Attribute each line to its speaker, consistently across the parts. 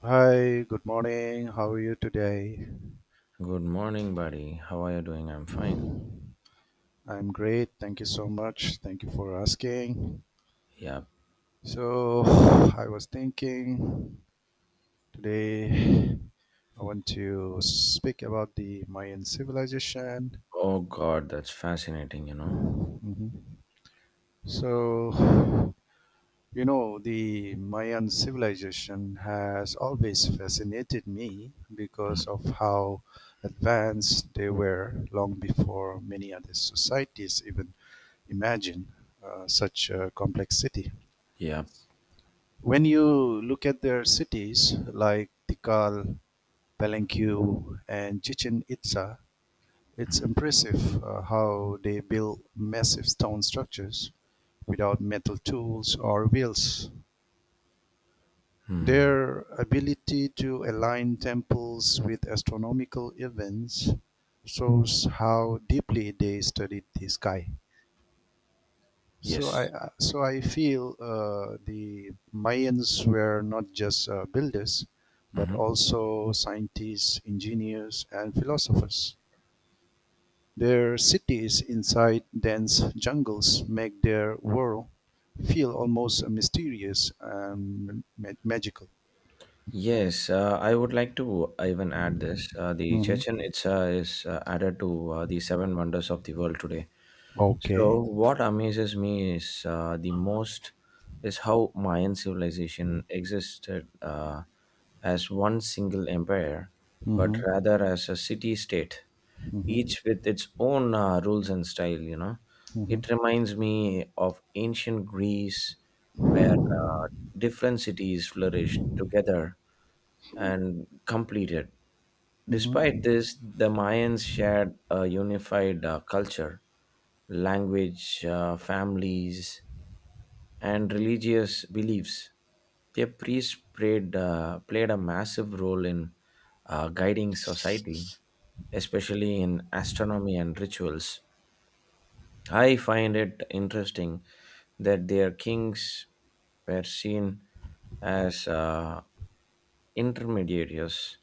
Speaker 1: Hi, good morning. How are you today?
Speaker 2: Good morning, buddy. How are you doing? I'm fine.
Speaker 1: I'm great. Thank you so much. Thank you for asking.
Speaker 2: Yep.
Speaker 1: So, I was thinking, today I want to speak about the Mayan civilization.
Speaker 2: Oh God, that's fascinating, you know.
Speaker 1: Mhm. So, the Mayan civilization has always fascinated me
Speaker 2: Mhm.
Speaker 1: because of how advanced they were long before many other societies even imagine such a complex city.
Speaker 2: Yep.
Speaker 1: When you look at their cities like Tikal, Palenque, and Chichen Itza, it's impressive how they build massive stone structures without metal tools or wheels.
Speaker 2: Hmm.
Speaker 1: Their ability to align temples with astronomical events shows how deeply they studied the sky. So
Speaker 2: Yes.
Speaker 1: I I- so I feel the Mayans were not just builders, but
Speaker 2: Hmm.
Speaker 1: also scientists, engineers, and philosophers. Their cities inside dense jungles make their world feel almost mysterious and magical.
Speaker 2: Yes, I would like to even add this. The
Speaker 1: Mhm.
Speaker 2: Chechen Itza is added to the seven wonders of the world today.
Speaker 1: Okay.
Speaker 2: So what amazes me is the most is how Mayan civilization existed as one single empire, but
Speaker 1: Hmm.
Speaker 2: rather as a city-state,
Speaker 1: Hmm.
Speaker 2: each with its own rules and style. You know,
Speaker 1: Hmm.
Speaker 2: it reminds me of ancient Greece, where different cities flourished together and completed. Despite
Speaker 1: Hmm.
Speaker 2: this, the Mayans shared a unified culture, language, families, and religious beliefs. Their priests played a massive role in guiding society, especially in astronomy and rituals. I find it interesting that their kings were seen as intermediaries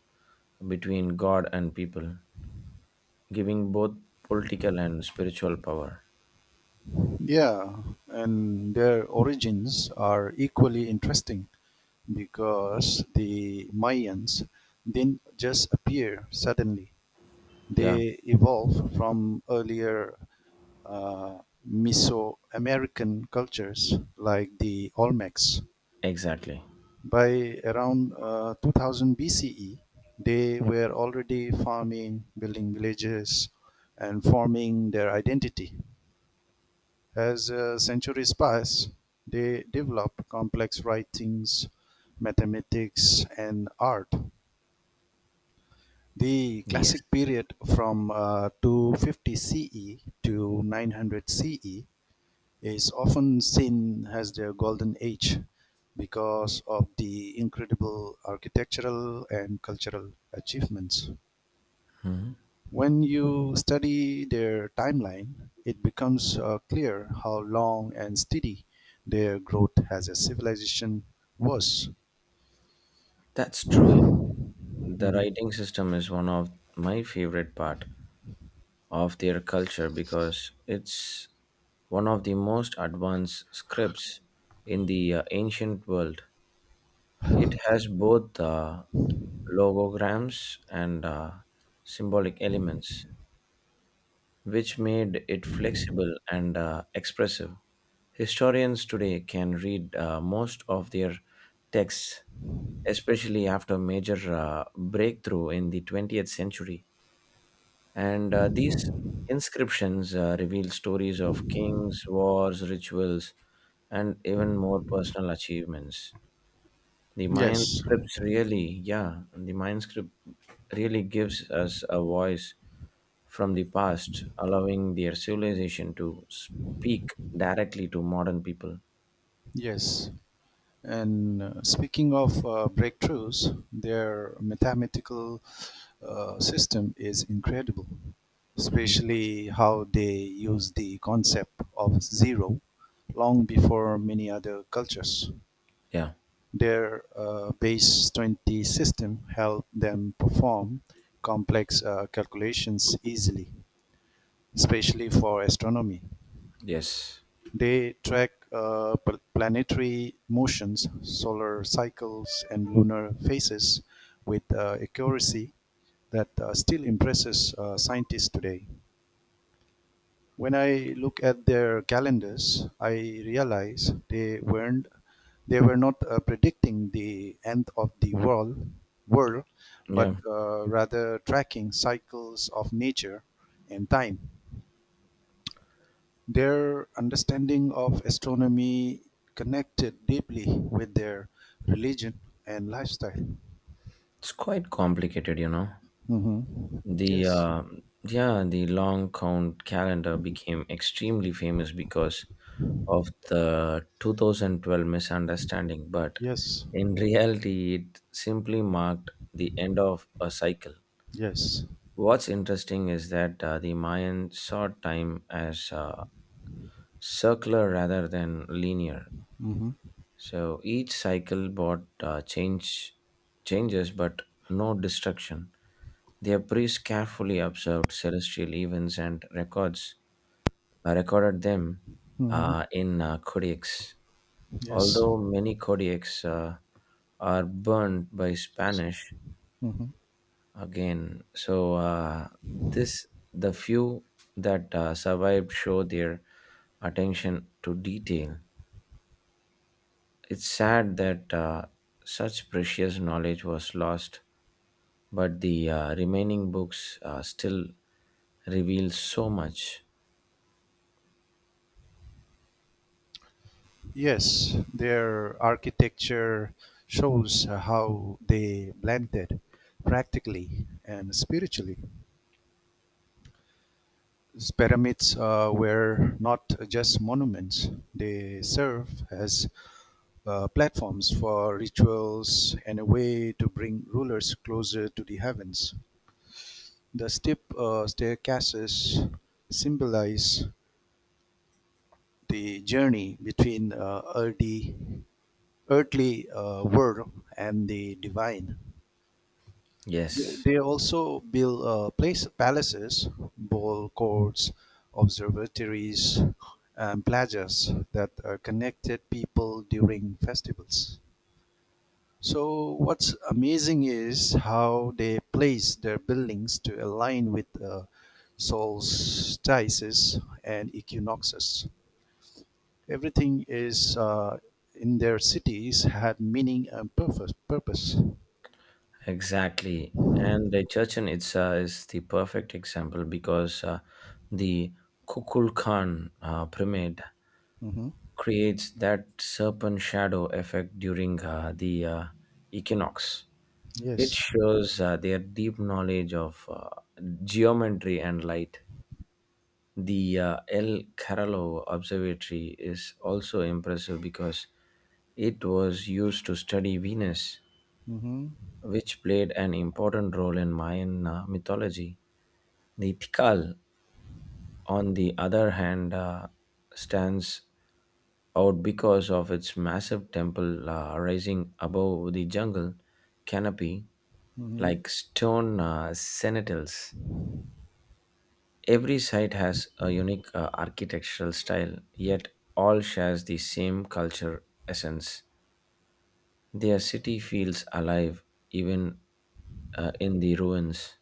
Speaker 2: between God and people, giving both political and spiritual power.
Speaker 1: Yeah, and their origins are equally interesting because the Mayans didn't just appear suddenly.
Speaker 2: Yeah,
Speaker 1: They evolved from earlier uh, Mesoamerican cultures like the Olmecs.
Speaker 2: exactly.
Speaker 1: By around 2000 BCE, they were already farming, building villages, and forming their identity. As centuries pass, they develop complex writings, mathematics, and art. The
Speaker 2: Yes.
Speaker 1: classic period from 250 CE to 900 CE is often seen as the golden age because of the incredible architectural and cultural achievements.
Speaker 2: Mhm.
Speaker 1: When you study their timeline, it becomes clear how long and steady their growth as a civilization was.
Speaker 2: That's true, you know. The
Speaker 1: Mhm.
Speaker 2: writing system is one of my favorite part of their culture because it's one of the most advanced scripts in the ancient world. It has both logograms and symbolic elements, which made it flexible and expressive. Historians today can read most of their texts, especially after major breakthrough in the 20th century. And these inscriptions reveal stories of kings, wars, rituals, and even more personal achievements.
Speaker 1: Yes,
Speaker 2: The Mayan script really gives us a voice from the past, allowing their civilization to speak directly to modern people.
Speaker 1: yes. And speaking of breakthroughs, their mathematical system is incredible,
Speaker 2: Hmm.
Speaker 1: especially how they use the concept of zero long before many other cultures.
Speaker 2: Yeah.
Speaker 1: Their base 20 system helped them perform complex calculations easily, especially for astronomy.
Speaker 2: Yes.
Speaker 1: They track planetary motions, solar cycles, and lunar phases with accuracy that still impresses scientists today. When I look at their calendars, I realize they were not predicting the end of the world, world, but
Speaker 2: Yeah,
Speaker 1: rather tracking cycles of nature and time. Their understanding of astronomy connected deeply with their religion and lifestyle.
Speaker 2: it's quite complicated, you know.
Speaker 1: Hmm.
Speaker 2: The
Speaker 1: Yes,
Speaker 2: uh, yeah, the long count calendar became extremely famous because of the 2012 misunderstanding, but
Speaker 1: yes,
Speaker 2: in reality, it simply marked the end of a cycle.
Speaker 1: yes.
Speaker 2: What's interesting is that the Mayan saw time as circular rather than linear.
Speaker 1: Hmm.
Speaker 2: So each cycle brought changes, but no destruction. Their priests carefully observed celestial events and records recorded them
Speaker 1: Hmm.
Speaker 2: in codex.
Speaker 1: Yes.
Speaker 2: Although many codex are burned by Spanish
Speaker 1: Hmm.
Speaker 2: again, so this the few that survived show their attention to detail. It's sad that such precious knowledge was lost, but the remaining books still reveal so much.
Speaker 1: Yes, their architecture shows how they blended practically and spiritually. Pyramids were not just monuments, they serve as platforms for rituals and a way to bring rulers closer to the heavens. The steep staircases symbolize the journey between earthly world and the divine. They
Speaker 2: Yes,
Speaker 1: they also build palaces, ball courts, observatories, and plazas that connected people during festivals. So what's amazing is how they place their buildings to align with solstices and equinoxes. Everything is in their cities had meaning and purpose.
Speaker 2: exactly. And the Churchen Itza is the perfect example because the Kukul Khan pyramid
Speaker 1: Hmm.
Speaker 2: creates that serpent shadow effect during the equinox. It
Speaker 1: Yes.
Speaker 2: shows their deep knowledge of geometry and light. The El Carolo Observatory is also impressive because it was used to study Venus,
Speaker 1: Hmm.
Speaker 2: which played an important role in Mayan mythology. The Tikal, on the other hand, stands out because of its massive temple rising above the jungle canopy
Speaker 1: Hmm.
Speaker 2: like stone sentinels. Every site has a unique architectural style, yet all shares the same culture essence. Their city feels alive even in the ruins.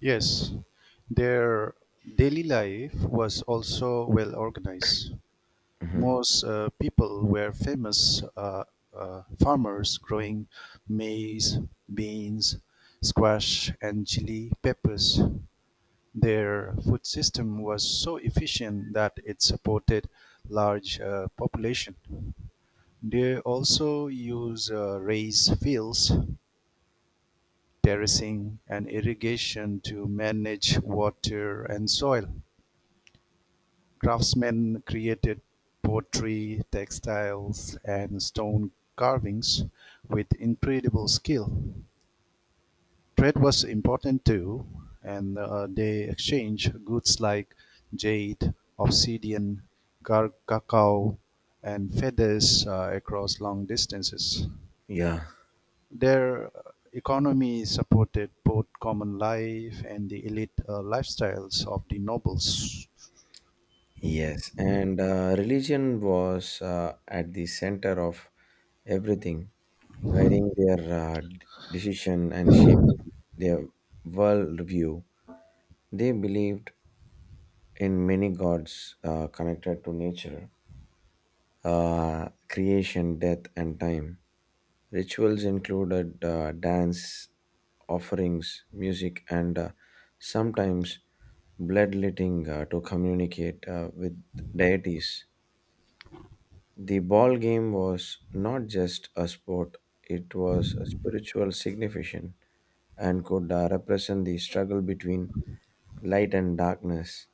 Speaker 1: Yes. Their daily life was also well organized.
Speaker 2: Mhm.
Speaker 1: Most people were famous farmers growing maize, beans, squash, and chili peppers. Their food system was so efficient that it supported large population. They also use raised fields, terracing, and irrigation to manage water and soil. Craftsmen created pottery, textiles, and stone carvings with incredible skill. Trade was important too, and they exchanged goods like jade, obsidian, cacao, and feathers across long distances.
Speaker 2: Yeah.
Speaker 1: Their economy supported both common life and the elite lifestyles of the nobles.
Speaker 2: Yes. And religion was at the center of everything, guiding their decision and shaping their worldview. They believed in many gods connected to nature creation, death, and time. Rituals included dance, offerings, music, and sometimes bloodletting to communicate with deities. The ball game was not just a sport, it was a spiritual significance and could represent the struggle between light and darkness.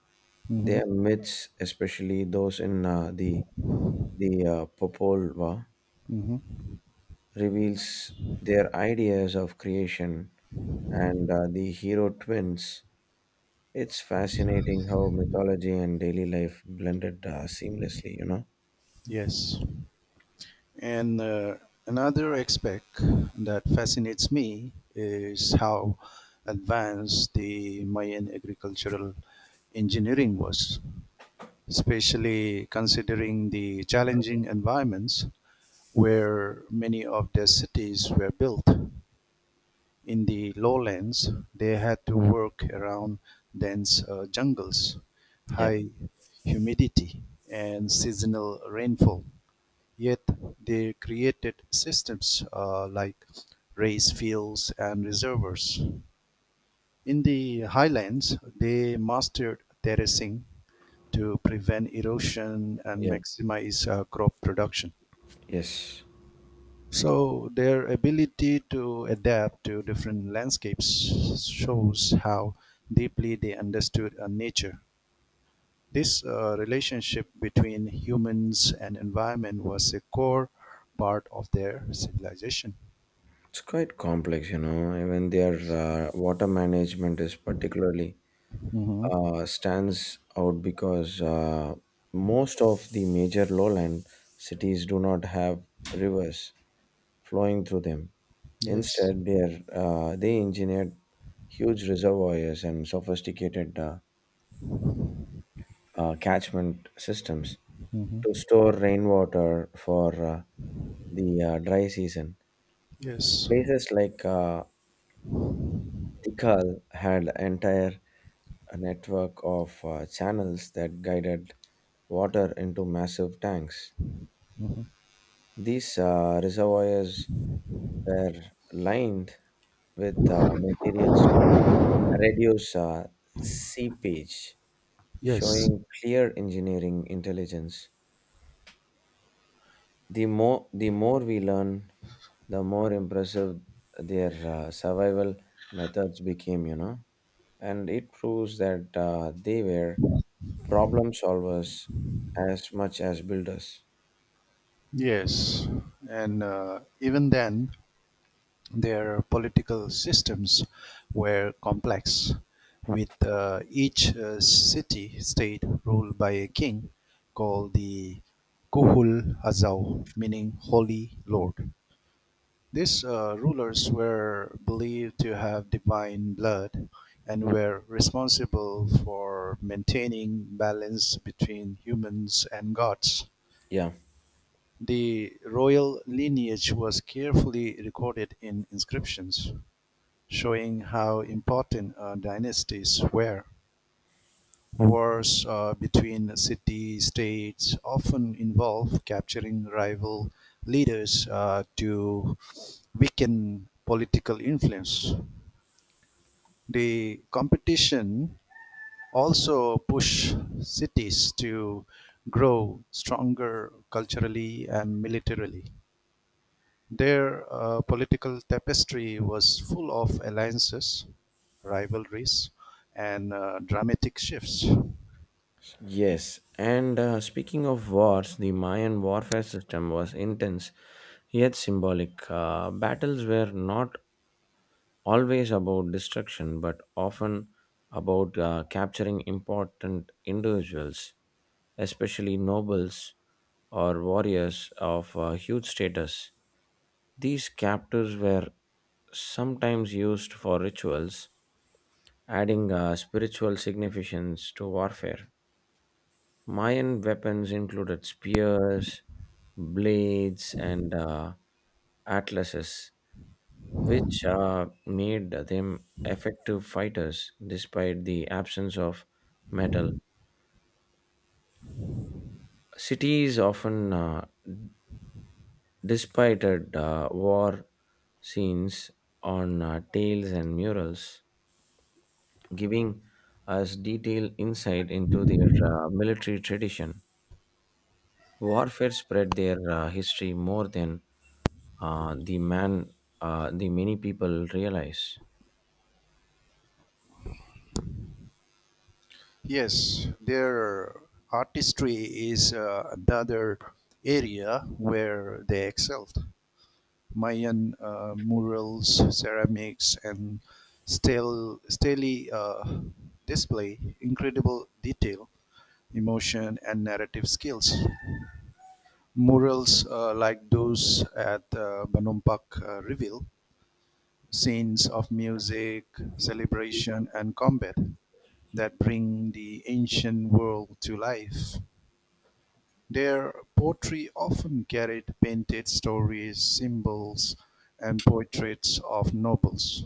Speaker 1: Hmm.
Speaker 2: Their myths, especially those in the Popol Vuh,
Speaker 1: Hmm.
Speaker 2: reveals their ideas of creation and the hero twins. It's fascinating how mythology and daily life blended seamlessly, you know?
Speaker 1: Yes. And another aspect that fascinates me is how advanced the Mayan agricultural engineering was, especially considering the challenging environments where many of their cities were built. In the lowlands, they had to work around dense jungles,
Speaker 2: Yep,
Speaker 1: high humidity, and seasonal rainfall. Yet they created systems like race fields and reservoirs. In the highlands, they mastered terracing to prevent erosion and
Speaker 2: yep,
Speaker 1: maximize crop production.
Speaker 2: yes.
Speaker 1: So their ability to adapt to different landscapes shows how deeply they understood nature. This relationship between humans and environment was a core part of their civilization.
Speaker 2: It's quite complex, you know. Even their
Speaker 1: Yes.
Speaker 2: water management is particularly
Speaker 1: Mm-hmm.
Speaker 2: stands out because most of the major lowland cities do not have rivers flowing through them.
Speaker 1: Yes.
Speaker 2: Instead, they engineered huge reservoirs and sophisticated catchment systems to
Speaker 1: Mm-hmm.
Speaker 2: store rainwater for the dry season.
Speaker 1: Yes.
Speaker 2: Places like Tikal had entire network of channels that guided water into massive tanks. These reservoirs were lined with materials to reduce seepage,
Speaker 1: Yes.
Speaker 2: showing clear engineering intelligence. The more we learn, the more impressive their survival methods became, you know. And it proves that they were problem solvers as much as builders.
Speaker 1: Yes. And even then, their political systems were complex, with each city state ruled by a king called the Kuhul Azau, meaning Holy Lord. These rulers were believed to have divine blood and were responsible for maintaining balance between humans and gods.
Speaker 2: Yeah.
Speaker 1: The royal lineage was carefully recorded in inscriptions, showing how important dynasties were. Wars between city-states often involve capturing rival leaders to weaken political influence. The competition also push cities to grow stronger culturally and militarily. Their political tapestry was full of alliances, rivalries, and dramatic shifts.
Speaker 2: Yes. And speaking of wars, the Mayan warfare system was intense yet symbolic. Battles were not always about destruction, but often about capturing important individuals, especially nobles or warriors of huge status. These captives were sometimes used for rituals, adding spiritual significance to warfare. Mayan weapons included spears, blades, and atlases, which made them effective fighters despite the absence of metal. Cities often depicted war scenes on tales and murals, giving us detailed insight into their military tradition. Warfare spread their history more than uh, the man, the many people realize.
Speaker 1: Yes, their artistry is another area where they excelled. Mayan murals, ceramics, and still stele display incredible detail, emotion, and narrative skills. Murals like those at Banumpak reveal scenes of music, celebration, and combat that bring the ancient world to life. Their poetry often carried painted stories, symbols, and portraits of nobles.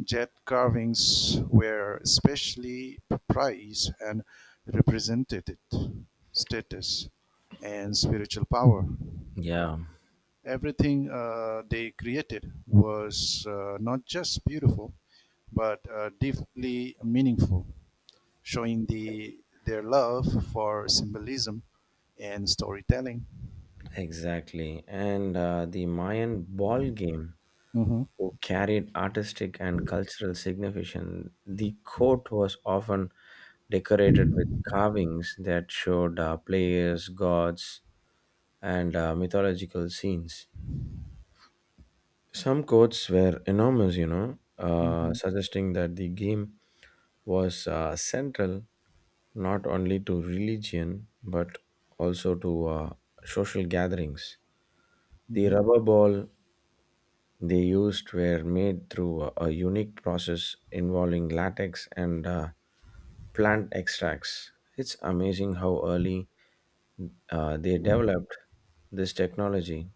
Speaker 1: Jet carvings were especially prized and represented status and spiritual power.
Speaker 2: Yeah,
Speaker 1: Everything they created was not just beautiful, but deeply meaningful, showing their love for symbolism and storytelling.
Speaker 2: exactly. And the Mayan ball game
Speaker 1: Mhm.
Speaker 2: who carried artistic and cultural significance. The court was often decorated with carvings that showed players, gods, and mythological scenes. Some courts were enormous, you know,
Speaker 1: Mhm.
Speaker 2: suggesting that the game was central not only to religion but also to social gatherings. The
Speaker 1: Mhm.
Speaker 2: rubber ball they used were made through a unique process involving latex and plant extracts. It's amazing how early they developed this technology.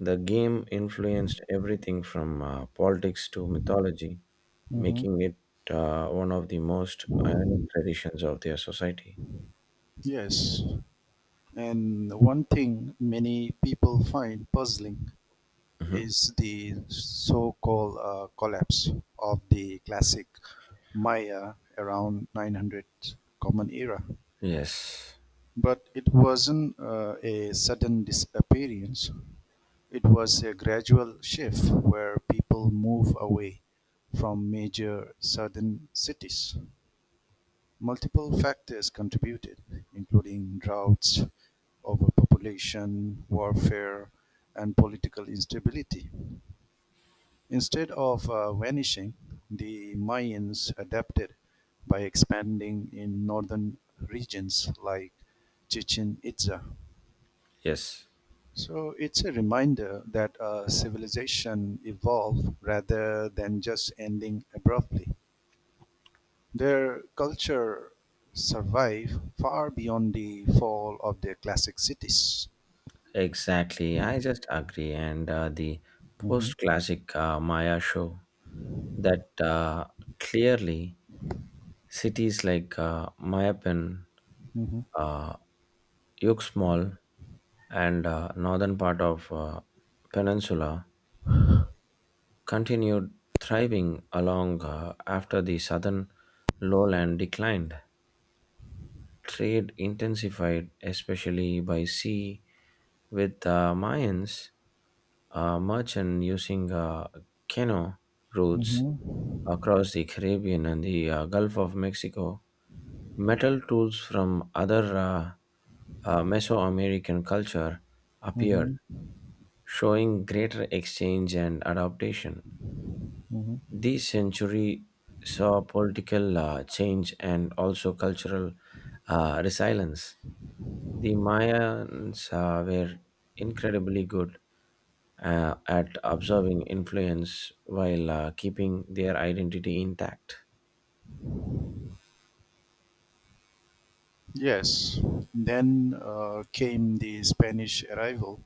Speaker 2: The game influenced everything from politics to mythology,
Speaker 1: Mhm.
Speaker 2: making it one of the most iconic traditions of their society.
Speaker 1: Yes, and one thing many people find puzzling
Speaker 2: Mhm.
Speaker 1: is the so called collapse of the classic Maya around 900 Common Era.
Speaker 2: Yes,
Speaker 1: But it wasn't a sudden disappearance, it was a gradual shift where people move away from major southern cities. Multiple factors contributed, including droughts, overpopulation, warfare, and political instability. Instead of vanishing, the Mayans adapted by expanding in northern regions like Chichen Itza.
Speaker 2: yes,
Speaker 1: So it's a reminder that a civilization evolved rather than just ending abruptly. Their culture survive far beyond the fall of their classic cities.
Speaker 2: exactly. I just agree. And the
Speaker 1: Hmm.
Speaker 2: post classic Maya show that clearly cities like Mayapan,
Speaker 1: Hmm.
Speaker 2: uh, Yuxmal, and northern part of peninsula continued thriving along after the southern lowland declined. Trade intensified, especially by sea, with the Mayans merchant using canoe routes
Speaker 1: Hmm.
Speaker 2: across the Caribbean and the Gulf of Mexico. Metal tools from other Mesoamerican culture appeared,
Speaker 1: Hmm.
Speaker 2: showing greater exchange and adaptation.
Speaker 1: Hmm.
Speaker 2: This century saw political change and also cultural resilience. The Mayans were incredibly good at absorbing influence while keeping their identity intact.
Speaker 1: Yes, then came the Spanish arrival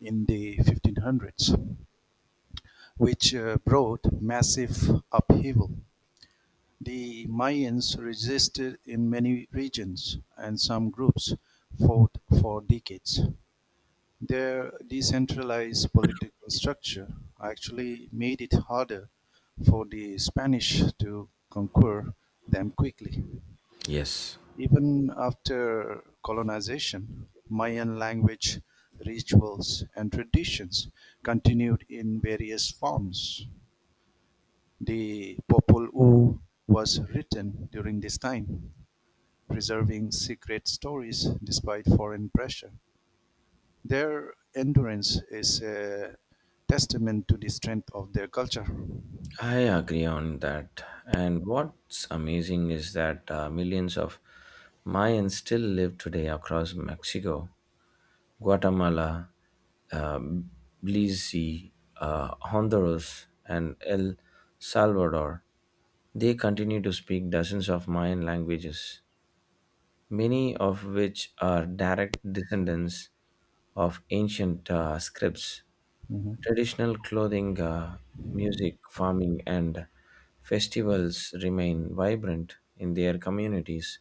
Speaker 1: in the 1500s, which brought massive upheaval. The Mayans resisted in many regions, and some groups fought for decades. Their decentralized political structure actually made it harder for the Spanish to conquer them quickly.
Speaker 2: Yes.
Speaker 1: Even after colonization, Mayan language, rituals, and traditions continued in various forms. The Popol Vuh was written during this time, preserving secret stories despite foreign pressure. Their endurance is a testament to the strength of their culture.
Speaker 2: I agree on that. And what's amazing is that millions of Mayans still live today across Mexico, Guatemala, uh, Belize, Honduras, and El Salvador. They continue to speak dozens of Mayan languages, many of which are direct descendants of ancient scripts.
Speaker 1: Hmm.
Speaker 2: Traditional clothing, music, farming, and festivals remain vibrant in their communities.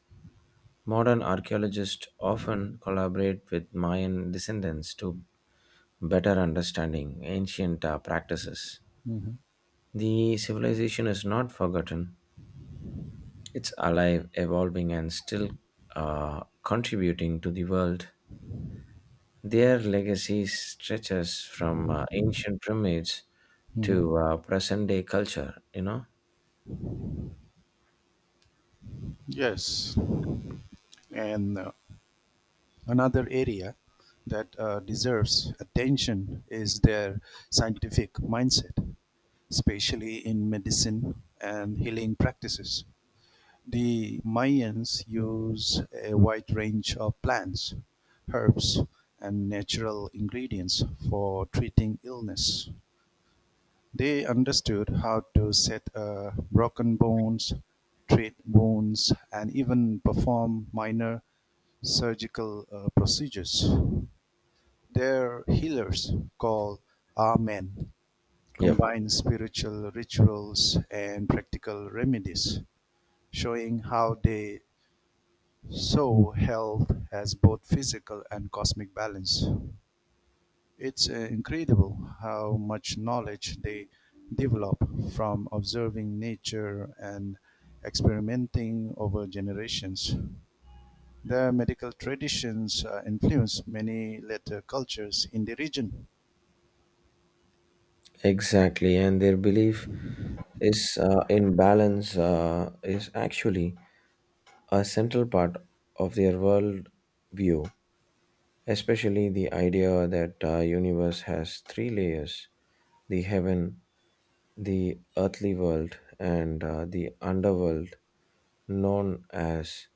Speaker 2: Modern archaeologists often collaborate with Mayan descendants to better understanding ancient practices.
Speaker 1: Hmm.
Speaker 2: The civilization is not forgotten, it's alive, evolving, and still contributing to the world. Their legacy stretches from ancient pyramids
Speaker 1: Hmm.
Speaker 2: to present day culture, you know?
Speaker 1: Yes. And another area that deserves attention is their scientific mindset, especially in medicine and healing practices. The Mayans use a wide range of plants, herbs, and natural ingredients for treating illness. They understood how to set a broken bones, treat wounds, and even perform minor surgical procedures. Their healers, called Amen,
Speaker 2: Yep,
Speaker 1: combined spiritual rituals and practical remedies, showing how they saw health as both physical and cosmic balance. It's incredible how much knowledge they develop from observing nature and experimenting over generations. Their medical traditions influenced many later cultures in the region.
Speaker 2: exactly. And their belief is in balance is actually a central part of their world view, especially the idea that universe has three layers: the heaven, the earthly world, and the underworld, known as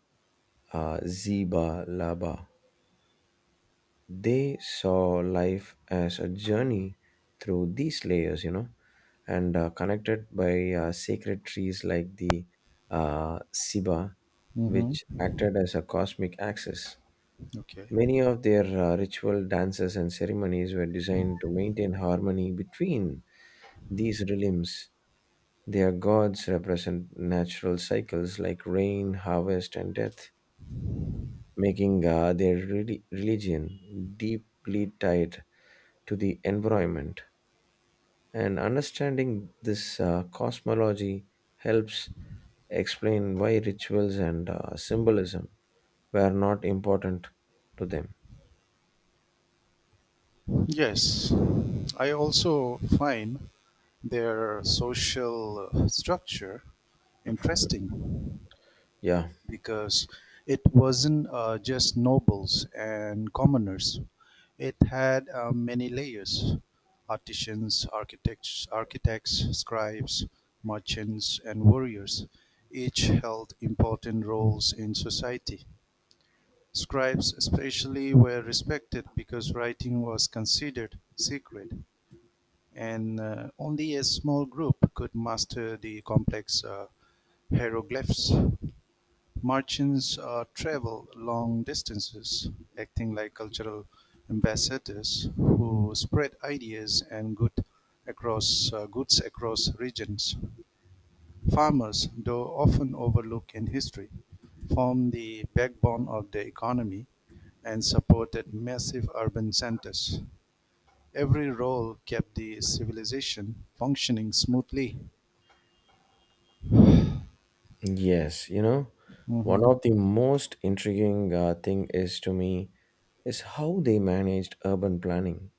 Speaker 2: Ziba Laba. They saw life as a journey through these layers, you know, and connected by sacred trees like the Siba,
Speaker 1: Mhm.
Speaker 2: which acted as a cosmic axis.
Speaker 1: Okay.
Speaker 2: Many of their ritual dances and ceremonies were designed to maintain harmony between these realms. Their gods represent natural cycles like rain, harvest, and death, making their religion deeply tied to the environment. And understanding this cosmology helps explain why rituals and symbolism were not important to them.
Speaker 1: Yes, I also find their social structure interesting
Speaker 2: Yeah,
Speaker 1: because it wasn't just nobles and commoners. It had many layers: artisans, architects, scribes, merchants, and warriors. Each held important roles in society. Scribes, especially, were respected because writing was considered secret, and only a small group could master the complex hieroglyphs. Martians travel long distances, acting like cultural ambassadors who spread ideas and goods across regions. Farmers, though often overlooked in history, formed the backbone of the economy and supported massive urban centers. Every role kept the civilization functioning smoothly.
Speaker 2: yes, you know, one
Speaker 1: Mm-hmm,
Speaker 2: of the most intriguing thing is to me is how they managed urban planning.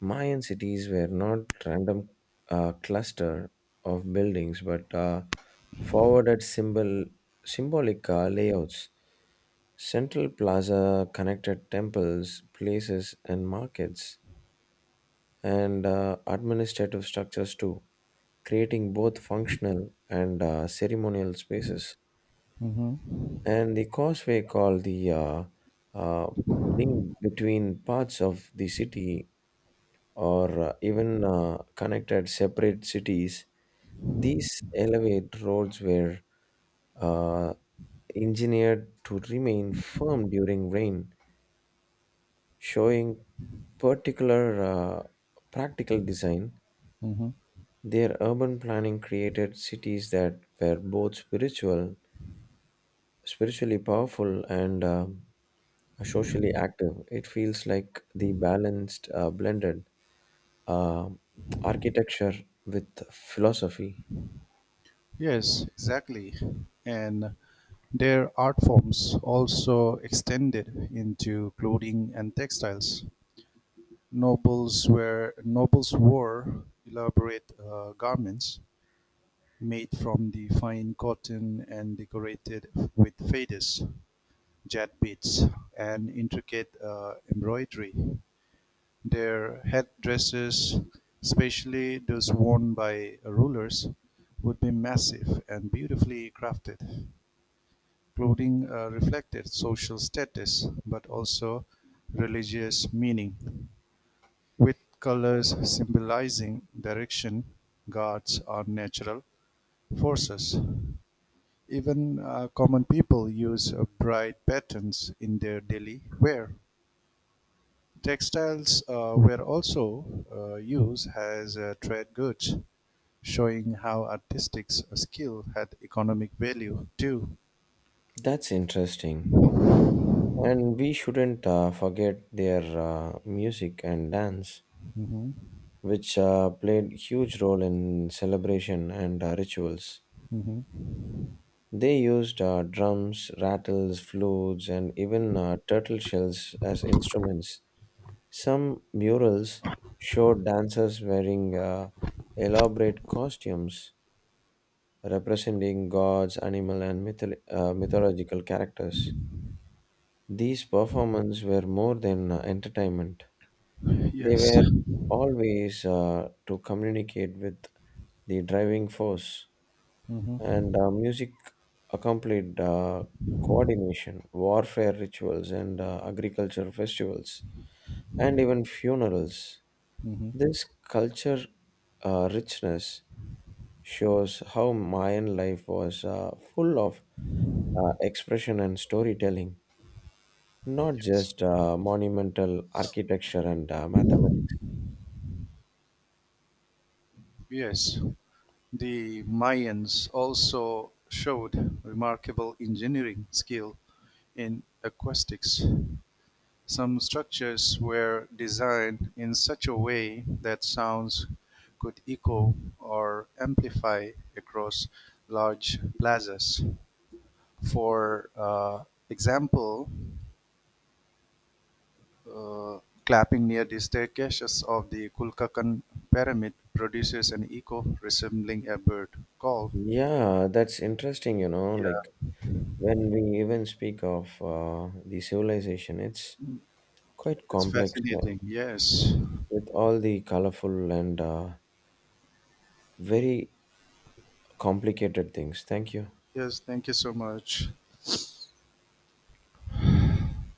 Speaker 2: Mayan cities were not random cluster of buildings, but forwarded symbolic layouts. Central Plaza connected temples, places, and markets, and administrative structures too, creating both functional and ceremonial spaces.
Speaker 1: mm-hmm,
Speaker 2: And the causeway, called the uh, link between parts of the city or even connected separate cities, these elevate roads were uh, engineered to remain firm during rain, showing particular practical design.
Speaker 1: mm-hmm.
Speaker 2: Their urban planning created cities that were spiritually powerful, and socially active. It feels like the balanced, blended uh, architecture with philosophy.
Speaker 1: Yes, exactly. And their art forms also extended into clothing and textiles; nobles wore elaborate garments made from the fine cotton and decorated with fadis, jet beads, and intricate embroidery; their headdresses, especially those worn by rulers, would be massive and beautifully crafted. Clothing reflected social status, but also religious meaning, with colors symbolizing direction, gods, or natural forces. Even common people use bright patterns in their daily wear. Textiles were also used as trade goods, showing how artistic skill had economic value too.
Speaker 2: That's interesting. And we shouldn't forget their music and dance,
Speaker 1: Mhm,
Speaker 2: which played huge role in celebration and rituals.
Speaker 1: mhm.
Speaker 2: They used drums, rattles, flutes, and even turtle shells as instruments. Some murals showed dancers wearing elaborate costumes representing gods, animal, and mythological characters. These performances were more than entertainment. They
Speaker 1: Yes.
Speaker 2: were always to communicate with the driving force,
Speaker 1: Hmm.
Speaker 2: and music accompanied coordination, warfare rituals, and agriculture festivals, and even funerals.
Speaker 1: Hmm.
Speaker 2: This culture richness shows how Mayan life was full of expression and storytelling, not just monumental architecture and mathematics.
Speaker 1: Yes, the Mayans also showed remarkable engineering skill in acoustics. Some structures were designed in such a way that sounds could echo or amplify across large plazas. For example, clapping near the staircases of the Kulkakan Pyramid produces an echo resembling a bird call.
Speaker 2: Yeah, that's interesting, you know, like
Speaker 1: Yeah,
Speaker 2: when we even speak of the civilization, it's quite
Speaker 1: it's
Speaker 2: complex
Speaker 1: fascinating. Yes.
Speaker 2: with all the colorful and very complicated things. Thank you.
Speaker 1: Yes, thank you so much.